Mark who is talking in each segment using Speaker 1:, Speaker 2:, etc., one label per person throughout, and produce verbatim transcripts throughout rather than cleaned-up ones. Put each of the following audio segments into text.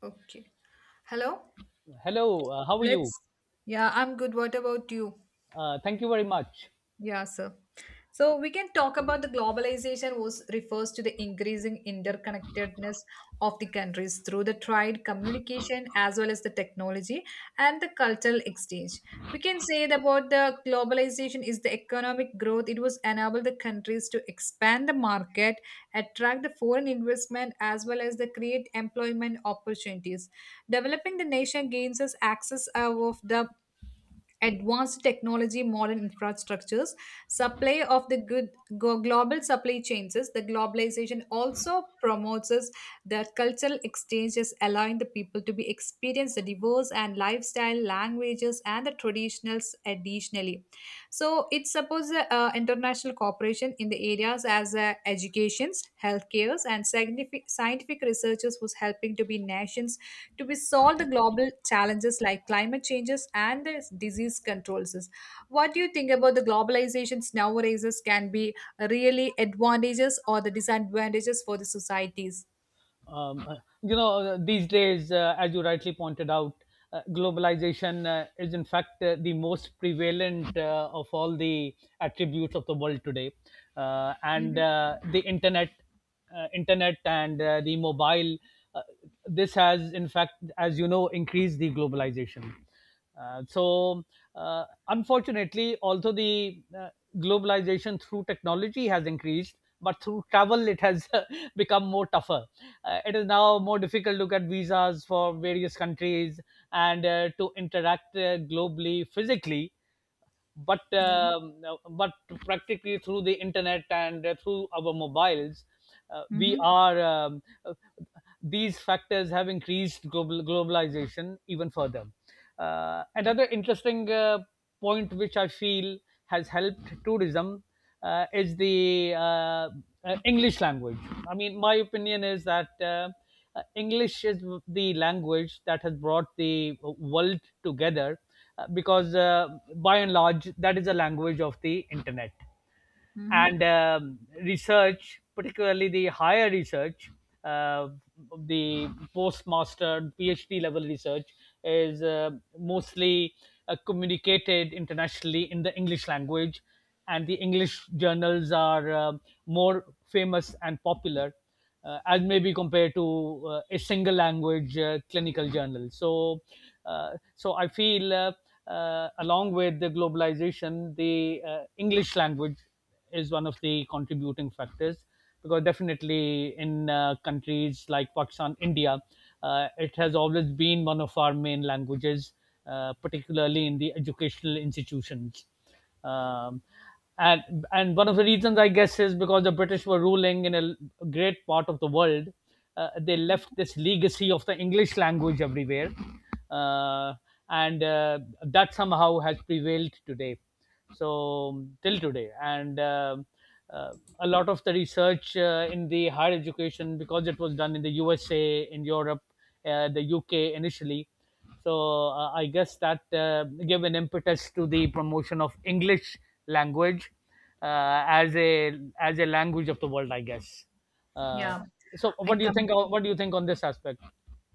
Speaker 1: Okay. Hello?
Speaker 2: Hello, uh, how are you?
Speaker 1: Let's, Yeah, I'm good. What about you?
Speaker 2: Uh, thank you very much.
Speaker 1: Yeah, sir. So we can talk about the globalization was refers to the increasing interconnectedness of the countries through the trade, communication, as well as the technology and the cultural exchange. We can say that about the globalization is the economic growth. It was enable the countries to expand the market, attract the foreign investment, as well as the create employment opportunities. Developing the nation gains us access of the advanced technology, modern infrastructures, supply of the good go- global supply chains. Is The globalization also promotes us the cultural exchanges, allowing the people to be experience the diverse and lifestyle, languages, and the traditionals additionally. So it supports the uh, international cooperation in the areas as uh, educations, healthcares, and scientific, scientific researchers was helping to be nations to be solve the global challenges like climate changes and the disease controls. What do you think about the globalizations nowadays can be really advantages or the disadvantages for the societies?
Speaker 2: Um, uh, you know, uh, these days, uh, as you rightly pointed out, uh, globalization uh, is in fact uh, the most prevalent uh, of all the attributes of the world today. Uh, and
Speaker 1: Hmm.
Speaker 2: uh, the internet, uh, internet and uh, the mobile, uh, this has in fact, as you know, increased the globalization. Uh, so, uh, Unfortunately, although the uh, globalization through technology has increased, but through travel it has become more tougher. Uh, it is now more difficult to get visas for various countries and uh, to interact uh, globally physically, but
Speaker 1: Yeah.
Speaker 2: um, but practically through the internet and uh, through our mobiles, uh, we
Speaker 1: Hmm.
Speaker 2: are um, uh, these factors have increased global globalization even further. Uh, another interesting uh, point which I feel has helped tourism uh, is the uh, uh, English language. I mean my opinion is that uh, uh, English is the language that has brought the world together, uh, because uh, by and large that is the language of the internet and
Speaker 1: Hmm.
Speaker 2: um, research, particularly the higher research, uh, the postmaster, PhD level research, is uh, mostly uh, communicated internationally in the English language, and the English journals are uh, more famous and popular. Uh, as may be compared to uh, a single language uh, clinical journal. So, uh, so I feel uh, uh, along with the globalization, the uh, English language is one of the contributing factors, because definitely in uh, countries like Pakistan, India, uh, it has always been one of our main languages, uh, particularly in the educational institutions. Um, and and one of the reasons I guess is because the British were ruling in a great part of the world. Uh, they left this legacy of the English language everywhere, uh, and uh, that somehow has prevailed today, so till today. And um uh, a lot of the research uh, in the higher education, because it was done in the U S A, in Europe, uh, the U K initially. So uh, I guess that uh, gave an impetus to the promotion of English language uh, as a as a language of the world, I guess. Uh,
Speaker 1: Yeah.
Speaker 2: so
Speaker 1: I
Speaker 2: what do you think?
Speaker 1: come.
Speaker 2: What do you think on this aspect?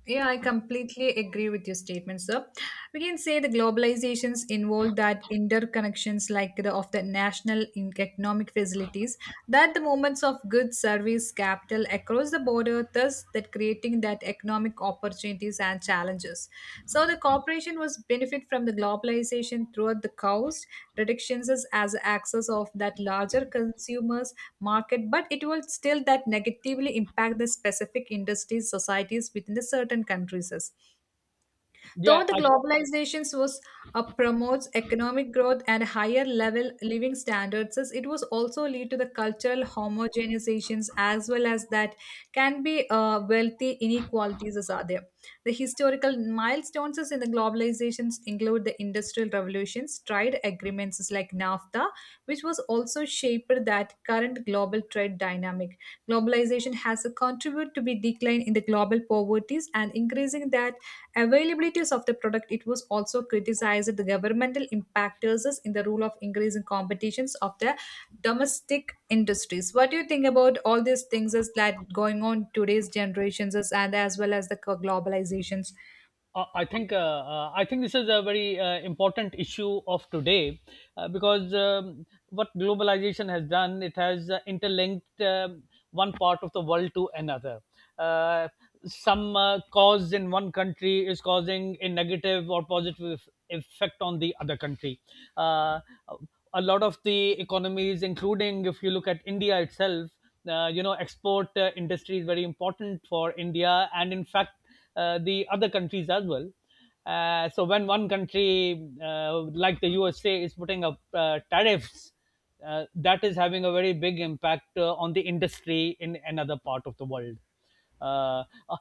Speaker 1: Yeah, I completely agree with your statement, sir. We can say the globalizations involve that interconnections like the, of the national in- economic facilities, that the movements of goods, service, capital across the border, thus that creating that economic opportunities and challenges. So the corporation was benefit from the globalization throughout the cost reductions as as access of that larger consumers market, but it will still that negatively impact the specific industries societies within the certain countries. Though
Speaker 2: Yeah,
Speaker 1: the
Speaker 2: I
Speaker 1: globalization was uh, promotes economic growth and higher level living standards, as it was also lead to the cultural homogenizations as well as that can be uh, wealthy inequalities as are there. The historical milestones is in the globalizations include the industrial revolutions, trade agreements is like NAFTA, which was also shaped that current global trade dynamic. Globalization has a contributed to be decline in the global poverties and increasing that availabilities of the product. It was also criticized the governmental impactors in the rule of increasing competitions of the domestic industries. What do you think about all these things is that going on today's generations is, and as well as the co- globalizations?
Speaker 2: Uh, I think uh, uh, I think this is a very uh, important issue of today, uh, because um, what globalization has done, it has uh, interlinked um, one part of the world to another. Uh, some uh, cause in one country is causing a negative or positive effect on the other country. Uh, a lot of the economies, including if you look at India itself, uh, you know, export uh, industry is very important for India and, in fact, uh, the other countries as well. Uh, so when one country uh, like the U S A is putting up uh, tariffs, uh, that is having a very big impact uh, on the industry in another part of the world, uh, uh,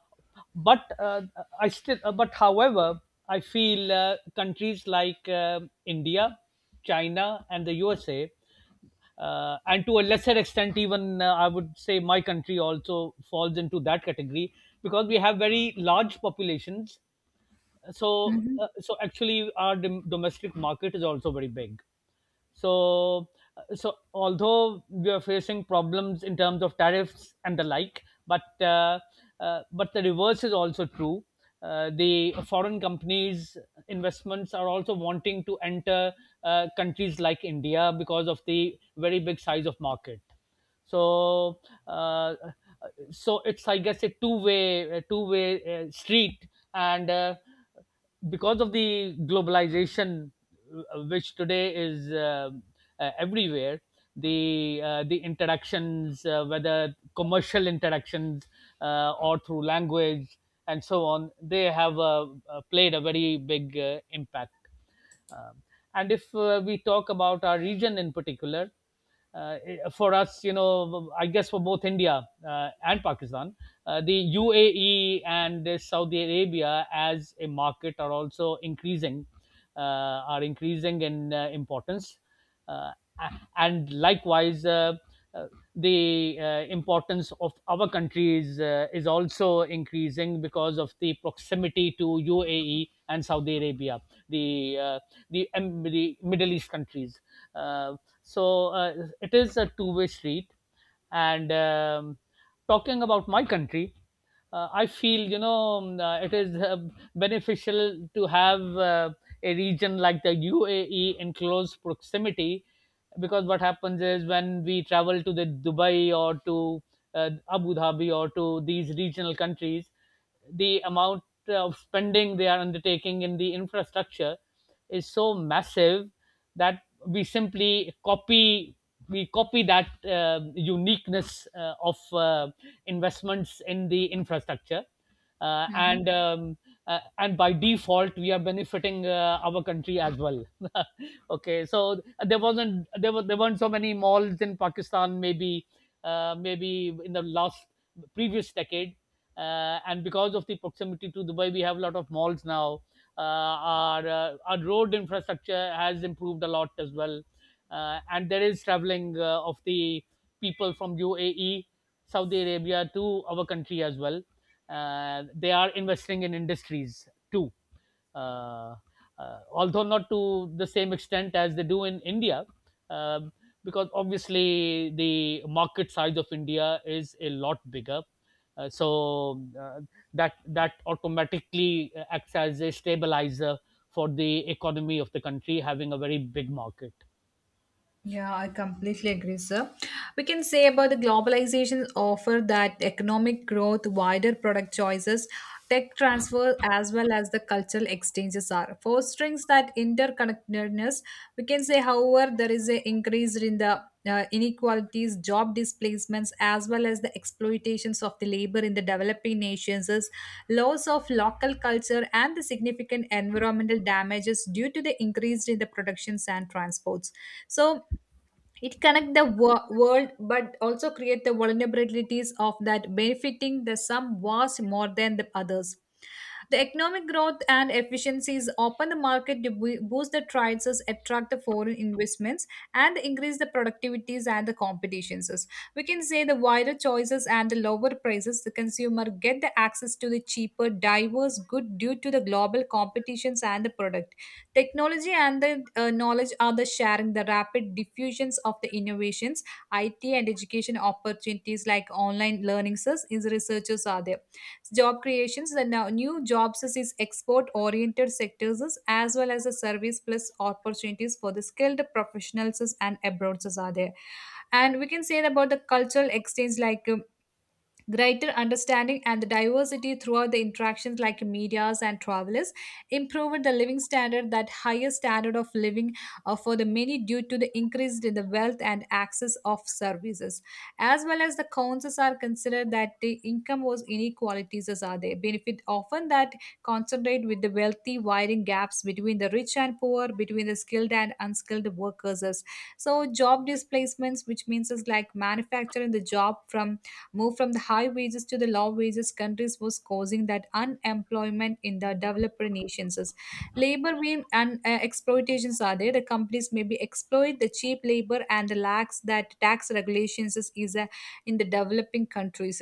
Speaker 2: but uh, i still uh, but however I feel uh, countries like um India, China and the USA, uh, and to a lesser extent even uh, I would say my country also falls into that category, because we have very large populations. So
Speaker 1: Mhm.
Speaker 2: uh, so actually our dom- domestic market is also very big. So uh, so although we are facing problems in terms of tariffs and the like, but uh, uh, but the reverse is also true. Uh, the foreign companies investments are also wanting to enter uh, countries like India because of the very big size of market. So uh, so it's I guess a two way two way uh, street. And uh, because of the globalization uh, which today is um, uh, everywhere, the uh, the interactions, uh, whether commercial interactions uh, or through language and so on, they have uh, uh, played a very big uh, impact. Um, and if uh, we talk about our region in particular, uh, for us, you know, I guess for both India uh, and Pakistan, uh, the U A E and uh, Saudi Arabia as a market are also increasing, uh, are increasing in uh, importance, uh, and likewise, uh, uh, the uh, importance of our countries uh, is also increasing because of the proximity to U A E and Saudi Arabia, the uh, the, um, the Middle East countries. Uh, so uh, it is a two-way street. And um, Talking about my country, uh, I feel, you know, um, uh, it is uh, beneficial to have uh, a region like the U A E in close proximity, because what happens is when we travel to the Dubai or to uh, Abu Dhabi or to these regional countries, the amount of spending they are undertaking in the infrastructure is so massive that we simply copy we copy that uh, uniqueness uh, of uh, investments in the infrastructure, uh,
Speaker 1: Mhm.
Speaker 2: and um, uh, and by default we are benefiting uh, our country as well. Okay, so there wasn't there were there weren't so many malls in Pakistan, maybe uh, maybe in the last previous decade, uh, and because of the proximity to Dubai, we have a lot of malls now. Uh, our uh, our road infrastructure has improved a lot as well, uh, and there is traveling uh, of the people from U A E, Saudi Arabia to our country as well. Uh, they are investing in industries too, uh, uh, although not to the same extent as they do in India. Um because obviously the market size of India is a lot bigger, uh, so uh, that that automatically acts as a stabilizer for the economy of the country having a very big market.
Speaker 1: Yeah, I completely agree, sir. We can say about the globalization offer that economic growth, wider product choices, tech transfer, as well as the cultural exchanges are fostering that interconnectedness. We can say, however, there is a increase in the uh, inequalities, job displacements, as well as the exploitations of the labor in the developing nations, is loss of local culture, and the significant environmental damages due to the increase in the productions and transports. So it connect the wor- world but also create the vulnerabilities of that benefiting the some was more than the others. The economic growth and efficiencies open the market to boo- boost the trades, attract the foreign investments, and increase the productivities and the competitions. We can say the wider choices and the lower prices, the consumer get the access to the cheaper, diverse good due to the global competitions and the product. Technology and the uh, knowledge are the sharing the rapid diffusions of the innovations, I T and education opportunities like online learning is researchers are there. Job creations, the now new jobs is is export oriented sectors is, as well as the service plus opportunities for the skilled professionals is and abroad is are there. And we can say about the cultural exchange like um, greater understanding and the diversity throughout the interactions like medias and travelers improved the living standard, that higher standard of living uh, for the many due to the increase in the wealth and access of services, as well as the cons are considered that the income was inequalities as are there, benefit often that concentrate with the wealthy, widening gaps between the rich and poor, between the skilled and unskilled workers. So job displacements, which means is like manufacturing the job from move from the high wages to the low wages countries was causing that unemployment in the developer nations. Labor being and uh, exploitations are there. The companies maybe exploit the cheap labor and the lacks that tax regulations is, is uh, in the developing countries.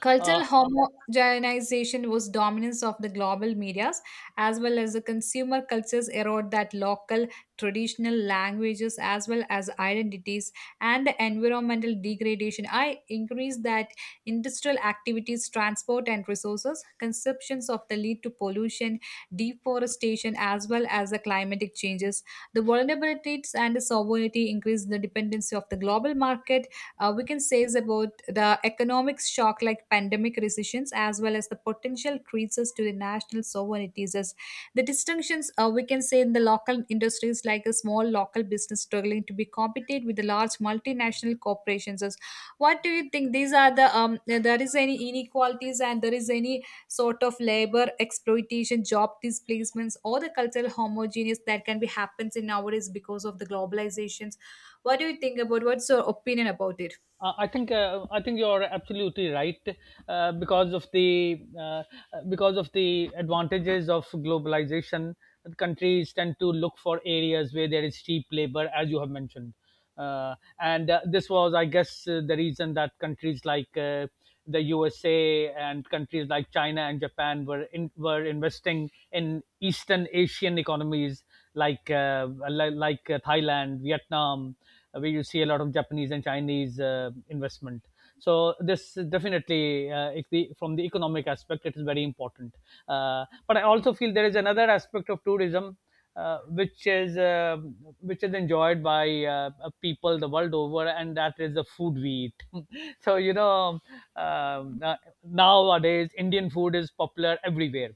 Speaker 1: Cultural
Speaker 2: Uh,
Speaker 1: homogenization was dominance of the global medias, as well as the consumer cultures erode that local traditional languages as well as identities, and the environmental degradation. I increase that industrial activities, transport and resources, conceptions of the lead to pollution, deforestation, as well as the climatic changes. The vulnerabilities and the sovereignty increase the dependency of the global market. Uh, we can say is about the economic shock like pandemic recessions, as well as the potential creases to the national sovereignties as the distinctions. Uh, we can say in the local industries like a small local business struggling to be competed with the large multinational corporations. As what do you think, these are the um there is any inequalities and there is any sort of labor exploitation, job displacements, or the cultural homogeneous that can be happens in nowadays because of the globalizations? What do you think, about what's your opinion about it?
Speaker 2: Uh, I think uh, I think you're absolutely right, uh, because of the uh, uh, because of the advantages of globalization. Countries tend to look for areas where there is cheap labor, as you have mentioned, uh, and uh, this was, I guess, uh, the reason that countries like uh, the U S A and countries like China and Japan were in, were investing in Eastern Asian economies like uh, like uh, Thailand, Vietnam, uh, where you see a lot of Japanese and Chinese uh, investment. So this is definitely, uh, if the, from the economic aspect, it is very important. Uh, but I also feel there is another aspect of tourism, Uh, which is uh, which is enjoyed by uh, people the world over, and that is the food we eat. So you know, um, uh, nowadays Indian food is popular everywhere,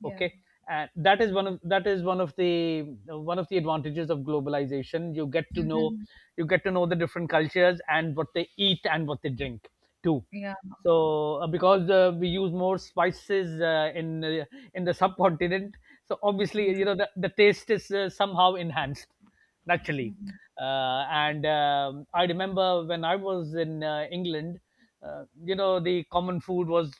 Speaker 1: Yeah.
Speaker 2: okay, and that is one of that is one of the one of the advantages of globalization. You get to know,
Speaker 1: Mhm.
Speaker 2: you get to know the different cultures and what they eat and what they drink too.
Speaker 1: Yeah.
Speaker 2: So uh, because uh, we use more spices uh, in uh, in the subcontinent, so obviously, you know, the, the taste is uh, somehow enhanced naturally.
Speaker 1: Mhm.
Speaker 2: Uh, and um, i remember when I was in uh, England, uh, you know, the common food was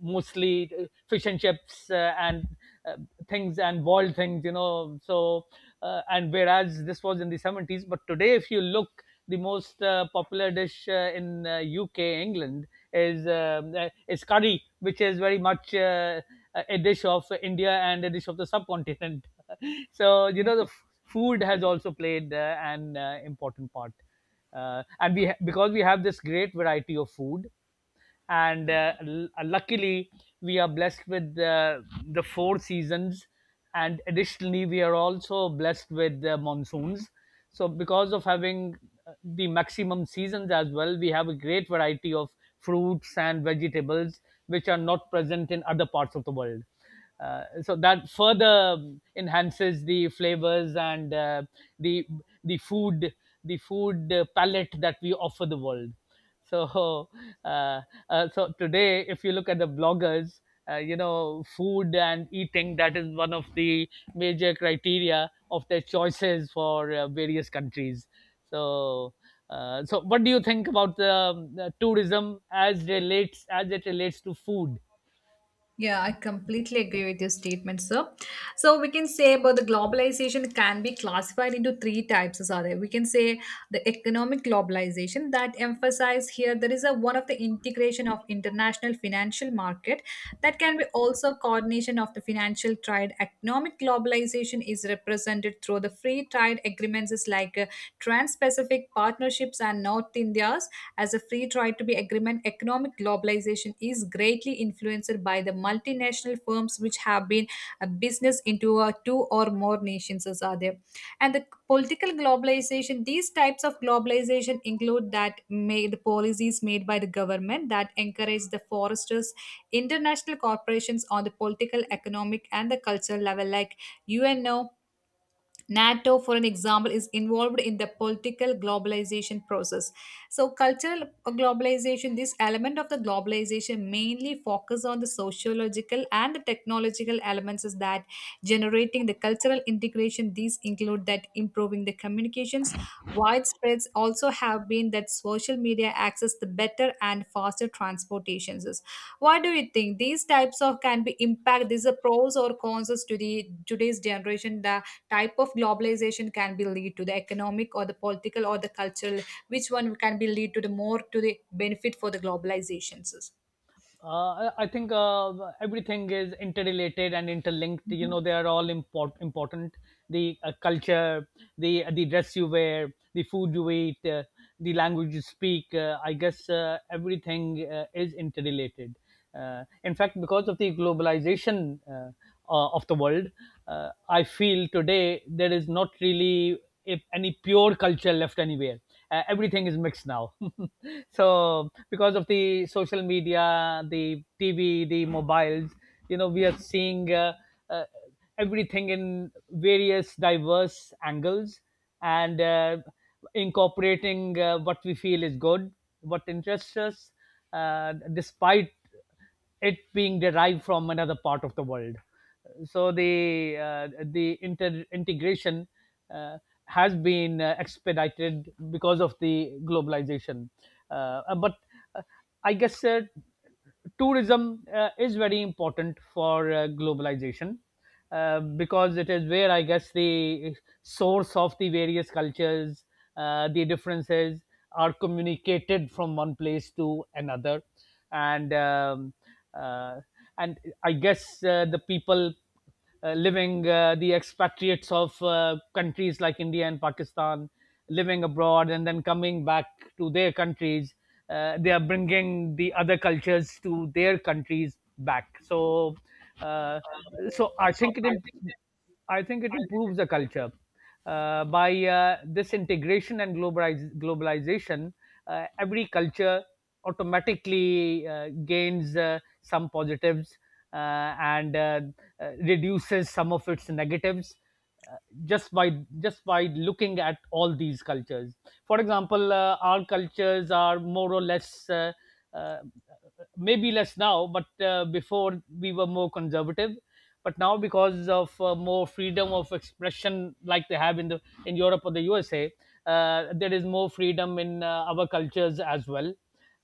Speaker 2: mostly uh, fish and chips, uh, and uh, things and boiled things, you know. So uh, and whereas this was in the seventies, but today if you look, the most uh, popular dish uh, in uh, U K England is um, uh, is curry, which is very much uh, a dish of India and a dish of the subcontinent. So you
Speaker 1: Yeah.
Speaker 2: know, the f- food has also played uh, an uh, important part, uh, and we ha- because we have this great variety of food, and uh, l- uh, luckily we are blessed with uh, the four seasons, and additionally we are also blessed with the monsoons. So because of having uh, the maximum seasons as well, we have a great variety of fruits and vegetables which are not present in other parts of the world. Uh, so that further enhances the flavors and uh, the the food the food uh, palette that we offer the world. So uh, uh, so today if you look at the bloggers, uh, you know, food and eating, that is one of the major criteria of their choices for uh, various countries. So uh, so what do you think about the, um, the tourism as relates as it relates to food?
Speaker 1: Yeah, I completely agree with your statement, sir. So we can say about the globalization can be classified into three types, are there? We can say the economic globalization that emphasize here there is a one of the integration of international financial market that can be also called coordination of the financial trade. Economic globalization is represented through the free trade agreements is like uh, Trans-Pacific Partnerships and North India's as a free trade to be agreement. Economic globalization is greatly influenced by the multinational firms which have been a business into uh, two or more nations as are there. And the political globalization, these types of globalization include that made the policies made by the government that encourage the foresters international corporations on the political, economic, and the cultural level, like U N O, NATO, for an example, is involved in the political globalization process. So, cultural globalization, this element of the globalization mainly focus on the sociological and the technological elements is that generating the cultural integration. These include that improving the communications. Widespreads also have been that social media access the better and faster transportations. What do you think? These types of can be impact. These are pros or cons to the today's generation. That type of globalization can be lead to the economic or the political or the cultural, which one can be lead to the more to the benefit for the globalizations?
Speaker 2: Uh, I I think uh, everything is interrelated and interlinked. You know, they are all import- important. The uh, culture, the the dress you wear, the food you eat, uh, the language you speak. Uh, I guess uh, everything uh, is interrelated. Uh, in fact, because of the globalization uh, uh, of the world, uh, I feel today there is not really if any pure culture left anywhere. Uh, everything is mixed now. So because of the social media, the T V, the mobiles, you know, we are seeing uh, uh, everything in various diverse angles and uh, incorporating uh, what we feel is good, what interests us, uh, despite it being derived from another part of the world. So the uh, the inter- integration uh, has been uh, expedited because of the globalization. Uh, uh, but uh, I guess uh, tourism uh, is very important for uh, globalization, uh, because it is where I guess the source of the various cultures, uh, the differences are communicated from one place to another, and um, uh, and I guess uh, the people uh, living uh, the expatriates of uh, countries like India and Pakistan living abroad and then coming back to their countries, uh, they are bringing the other cultures to their countries back. So, uh, so I think it imp- I think it improves the culture uh, by uh, this integration and globaliz- globalization. Uh, every culture automatically uh, gains uh, some positives uh, and uh, uh, reduces some of its negatives, uh, just by just by looking at all these cultures. For example, uh, our cultures are more or less, uh, uh, maybe less now, but uh, before we were more conservative. But now, because of uh, more freedom of expression, like they have in the in Europe or the U S A, uh, there is more freedom in uh, our cultures as well,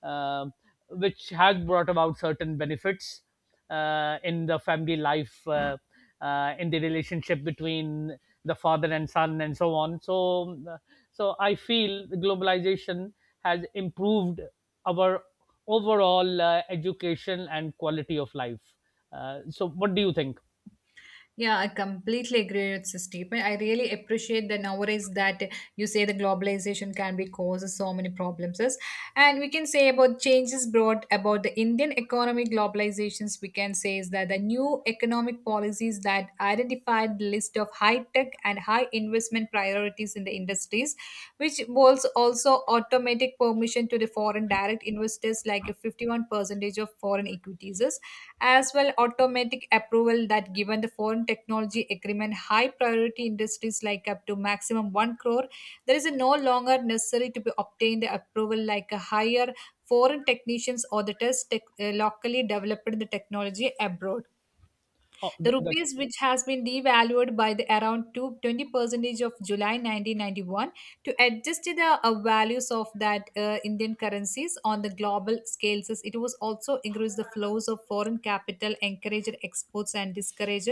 Speaker 2: uh, which has brought about certain benefits uh, in the family life, uh, uh, in the relationship between the father and son, and so on. So, uh, so I feel the globalization has improved our overall uh, education and quality of life. Uh, so, what do you think?
Speaker 1: Yeah, I completely agree with this statement. I really appreciate that nowadays that you say the globalization can be causes so many problems. Is. And we can say about changes brought about the Indian economic globalizations, we can say is that the new economic policies that identified the list of high tech and high investment priorities in the industries, which was also automatic permission to the foreign direct investors like a fifty one percentage of foreign equities, as well automatic approval that given the foreign technology agreement high priority industries like up to maximum one crore. There is a no longer necessary to be obtained the approval like a higher foreign technicians or the test tech, uh, locally developed the technology abroad.
Speaker 2: Oh,
Speaker 1: The
Speaker 2: the, the
Speaker 1: rupees, which has been devalued by the around two twenty 20% of July nineteen ninety one, to adjust to the uh, values of that uh, Indian currencies on the global scales, it was also increased the flows of foreign capital, encouraged exports and discouraged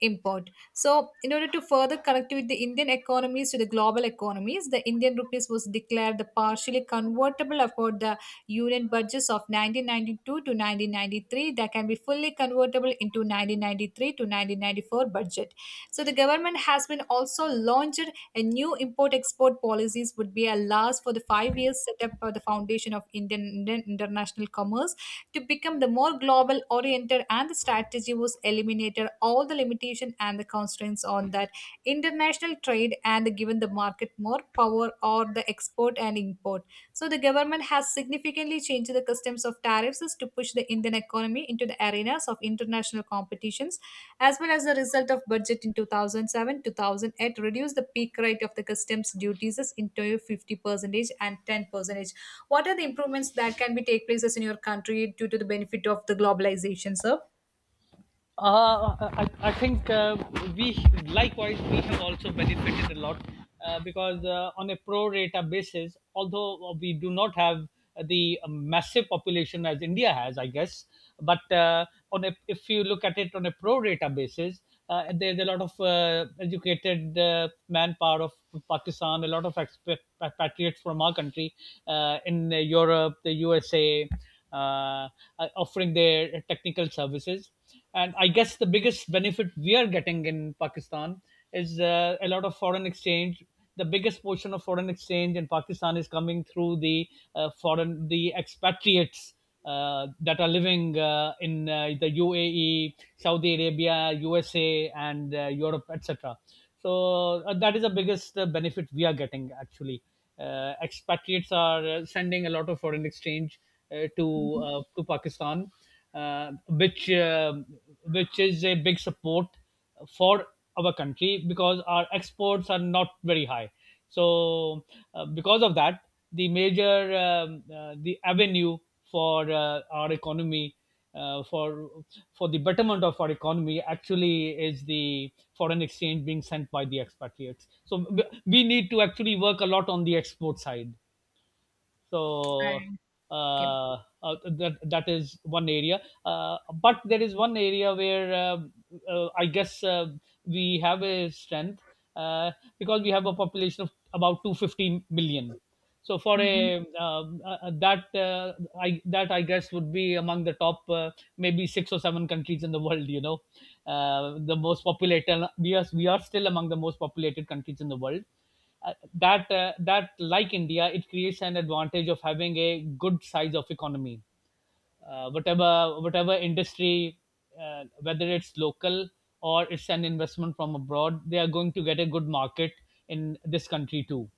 Speaker 1: import. So, in order to further connect with the Indian economies to the global economies, the Indian rupees was declared the partially convertible upon the Union budgets of nineteen ninety two to nineteen ninety three that can be fully convertible into nineteen ninety three to nineteen ninety four budget. So the government has been also launched a new import-export policies would be a last for the five years set up for the foundation of Indian Indian international commerce to become the more global oriented, and the strategy was eliminated all the limitation and the constraints on that international trade and given the market more power or the export and import. So the government has significantly changed the customs of tariffs is to push the Indian economy into the arenas of international competitions, as well as the result of budget in two thousand seven-two thousand eight reduced the peak rate of the customs duties is into fifty percentage and ten percentage. What are the improvements that can be take places in your country due to the benefit of the globalization, sir?
Speaker 2: Uh, I, I think uh, we, likewise, we have also benefited a lot, uh, because uh, on a pro rata basis, although we do not have the massive population as India has, I guess, but uh, on a, if you look at it on a pro rata basis, uh, there's a lot of uh, educated uh, manpower of Pakistan, a lot of expatriates from our country uh, in Europe, the U S A, uh, uh, offering their technical services. And I guess the biggest benefit we are getting in Pakistan is uh, a lot of foreign exchange. The biggest portion of foreign exchange in Pakistan is coming through the uh, foreign the expatriates uh, that are living uh, in uh, the U A E, Saudi Arabia, U S A, and uh, Europe, et cetera. So uh, that is the biggest uh, benefit we are getting actually. Uh, expatriates are uh, sending a lot of foreign exchange uh, to uh, to Pakistan, uh, which um which is a big support for our country because our exports are not very high. So, uh, because of that, the major um, uh, the avenue for uh, our economy, uh, for for the betterment of our economy actually, is the foreign exchange being sent by the expatriates. So we we need to actually work a lot on the export side. so
Speaker 1: I- Okay.
Speaker 2: uh, uh, that that is one area, uh, but there is one area where uh, uh, I guess, uh, we have a strength, uh, because we have a population of about two hundred fifty million. So for
Speaker 1: Hmm.
Speaker 2: a um, uh, uh, that uh, I that I guess would be among the top, uh, maybe six or seven countries in the world, you know. Uh, the most populated, we are we are still among the most populated countries in the world, uh, that uh, that, like India, it creates an advantage of having a good size of economy. Uh, whatever whatever industry, uh, whether it's local or it's an investment from abroad, they are going to get a good market in this country too.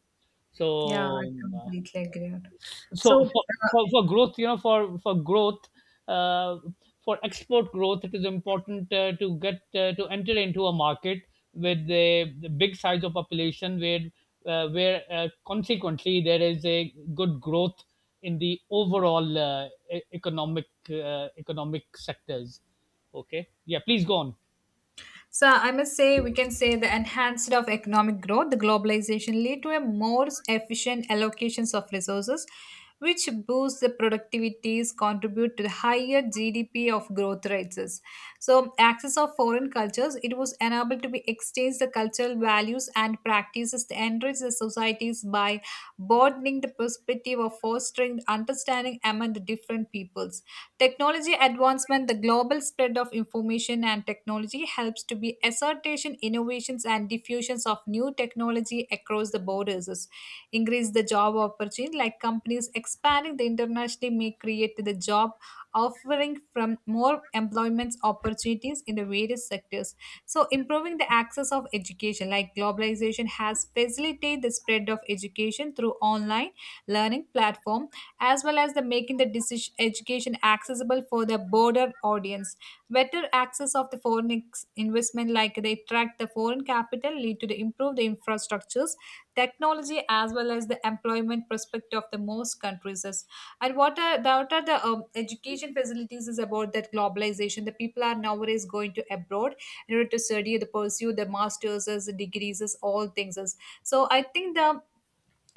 Speaker 1: Yeah, I
Speaker 2: So um, uh,
Speaker 1: completely agree. on- So,
Speaker 2: so for,
Speaker 1: uh,
Speaker 2: for, for growth, you know, for for growth, uh, for export growth, it is important uh, to get uh, to enter into a market with a big size of population where uh, where uh, consequently there is a good growth in the overall uh, e- economic, uh, economic sectors. Okay, yeah, please go on.
Speaker 1: So I must say we can say the enhanced of economic growth, the globalization lead to a more efficient allocations of resources, which boosts the productivities, contribute to the higher G D P of growth rates. So access of foreign cultures, it was enabled to be exchanged the cultural value values and practices to enrich the societies by broadening the perspective of fostering understanding among the different peoples. Technology advancement, the global spread of information and technology helps to be assertion, innovations, and diffusions of new technology across the borders. Increase the job opportunity, like companies expanding the internationally may create the job offering from more employment opportunities in the various sectors so, improving the access of education, like globalization, has facilitated the spread of education through online learning platform, as well as the making the decision, education accessible for the broader audience. Better access of the foreign ex- investment, like they attract the foreign capital, lead to the improve the infrastructures, technology, as well as the employment prospect of the most countries. As- and what are the, what are the um, education facilities is about that globalization the people are nowadays going to abroad in order to study the pursue the masters as the degrees as all things as so I think the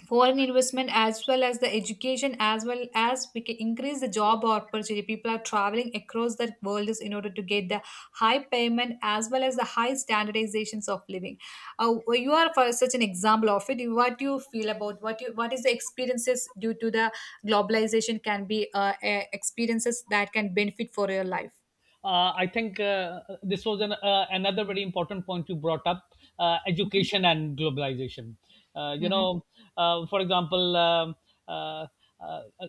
Speaker 1: foreign investment as well as the education as well as we can increase the job opportunity people are traveling across the world is in order to get the high payment as well as the high standardizations of living. Uh, well, you are for such an example of it. What do you feel about what you what is the experiences due to the globalization can be uh, eh, experiences that can benefit for your life?
Speaker 2: Uh, I think uh, uh, this was an, uh, another very important point you brought up: uh, education and globalization. Uh, you
Speaker 1: Mhm.
Speaker 2: know, uh, for example, um uh, uh, uh,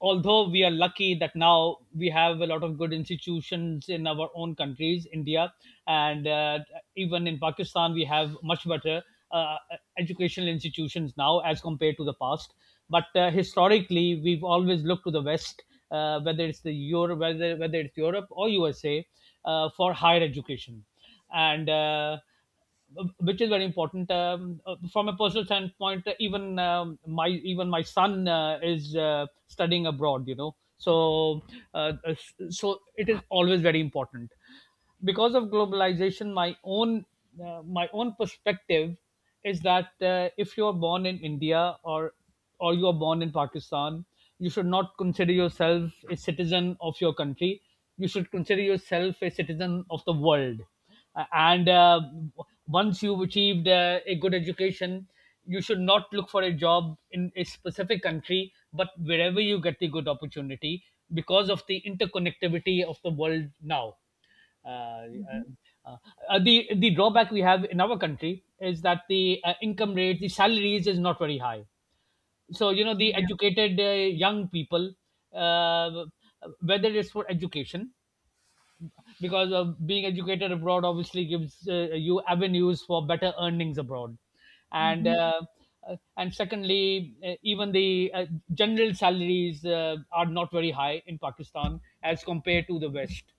Speaker 2: although we are lucky that now we have a lot of good institutions in our own countries, India, and uh, even in Pakistan, we have much better uh, educational institutions now as compared to the past. But uh, historically, we've always looked to the West, uh, whether it's the Europe, whether whether it's Europe or U S A, uh, for higher education, and uh, which is very important, um, uh, from a personal standpoint. uh, Even um, my even my son uh, is uh, studying abroad. You know, so uh, uh, so it is always very important because of globalization. My own, uh, my own perspective is that uh, if you're born in india, or or you are born in Pakistan, you should not consider yourself a citizen of your country. You should consider yourself a citizen of the world. Uh, and uh, Once you've achieved uh, a good education, you should not look for a job in a specific country, but wherever you get the good opportunity, because of the interconnectivity of the world now. uh,
Speaker 1: Mhm.
Speaker 2: uh, uh, the the drawback we have in our country is that the uh, income rate, the salaries, is not very high. So, you know, the
Speaker 1: Mhm.
Speaker 2: educated uh, young people, uh, whether it's for education, because uh, being educated abroad obviously gives uh, you avenues for better earnings abroad, and
Speaker 1: Mhm.
Speaker 2: uh, uh, and secondly, uh, even the, uh, general salaries uh, are not very high in pakistan as compared to the west.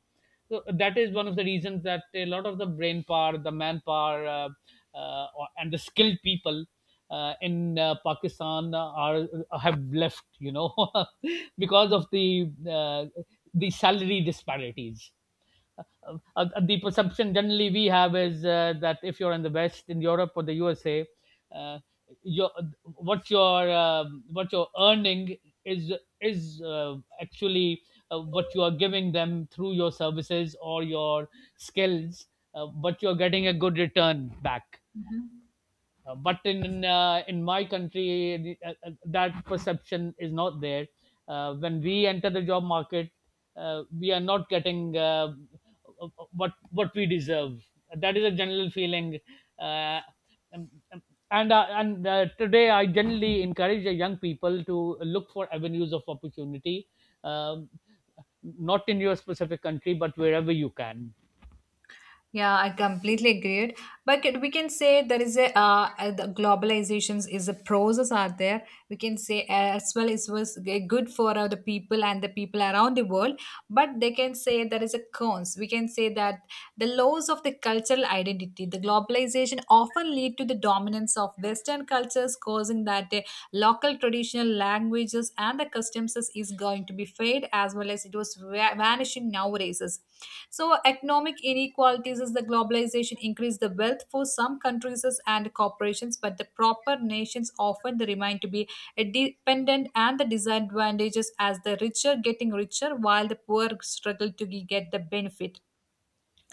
Speaker 2: So that is one of the reasons that a lot of the brain power, the manpower, uh, uh, or- and the skilled people uh, in uh, pakistan are, have left, you know, because of the uh, the salary disparities. uh, uh, the perception generally we have is uh, that if you're in the West, in Europe or the U S A, uh, your, what you're um what you're earning is is uh, actually uh, what you are giving them through your services or your skills, uh, but you're getting a good return back.
Speaker 1: Mhm.
Speaker 2: Uh, but in uh, in my country, uh, uh, that perception is not there. Uh, when we enter the job market, uh, we are not getting uh, what what we deserve. That is a general feeling. Uh, um, um, and uh, and uh, Today, I generally encourage the young people to look for avenues of opportunity, um, not in your specific country, but wherever you can.
Speaker 1: Yeah, I completely agree. But can- we can say there is a uh, uh, the globalizations is a process out there. We can say as well it was g- good for uh, the people and the people around the world. But they can say there is a cons. We can say that the loss of the cultural identity, the globalization often lead to the dominance of Western cultures, causing that the local traditional languages and the customs is going to be fade as well as it was va- vanishing nowadays. So economic inequalities is the globalization increase the wealth for some countries and corporations, but the proper nations often they remain to be dependent and the disadvantages as the richer getting richer while the poor struggle to get the benefit.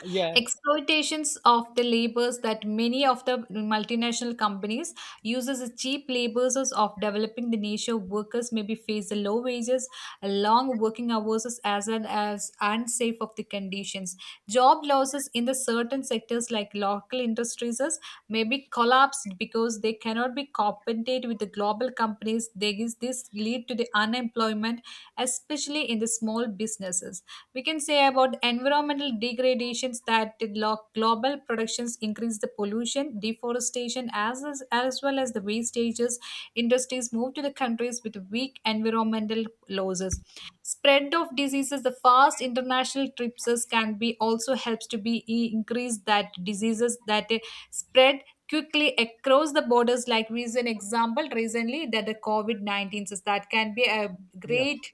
Speaker 2: Yeah,
Speaker 1: Exploitations of the labors that many of the multinational companies uses the cheap labors of developing the nature workers maybe face the low wages, long working hours as well as unsafe of the conditions. Job losses in the certain sectors like local industries is maybe collapsed because they cannot be compensated with the global companies. There is this lead to the unemployment, especially in the small businesses. We can say about environmental degradations that the lo- global productions increase the pollution, deforestation as, as as well as the wastages. Industries move to the countries with weak environmental losses. Spread of diseases, the fast international trips can be also helps to be e- increase that diseases that eh, spread quickly across the borders, like recent example recently that the COVID nineteen is that can be a
Speaker 2: yeah.
Speaker 1: great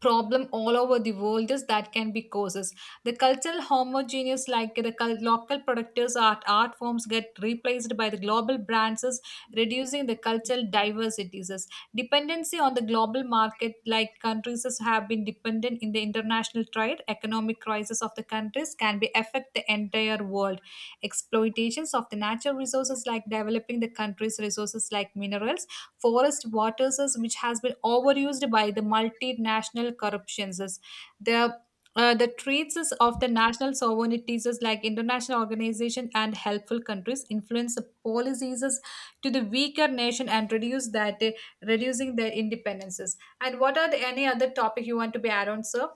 Speaker 1: problem all over the world. Is that can be causes the cultural homogeneous, like the cul- local productors art art forms get replaced by the global brands is reducing the cultural diversities. Is dependency on the global market, like countries is have been dependent in the international trade, economic crisis of the countries can be affect the entire world. Exploitations of the natural resources, like developing the country's resources like minerals, forest waters is- which has been overused by the multinational corruptions is the uh, the treats is of the national sovereignties is like international organization and helpful countries influence the policies is to the weaker nation and reduce that uh, reducing their independences. And what are the any other topic you want to be add on, sir?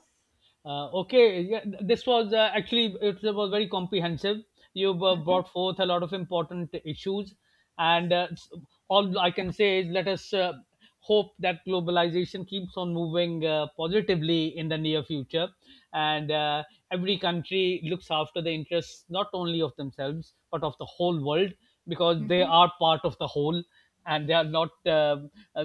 Speaker 2: Uh, okay, yeah, th- this was uh, actually, it was very comprehensive. You've uh,
Speaker 1: Mhm.
Speaker 2: brought forth a lot of important issues, and uh, s- all I can say is, let us uh, hope that globalization keeps on moving uh, positively in the near future, and uh, every country looks after the interests not only of themselves but of the whole world, because they
Speaker 1: Mhm.
Speaker 2: are part of the whole, and they are not, uh, uh,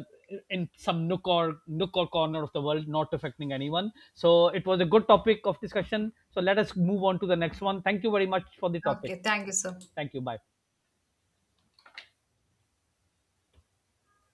Speaker 2: in some nook or nook or corner of the world, not affecting anyone. So it was a good topic of discussion. So let us move on to the next one. Thank you very much for the topic.
Speaker 1: Okay, thank you, sir.
Speaker 2: Thank you. Bye.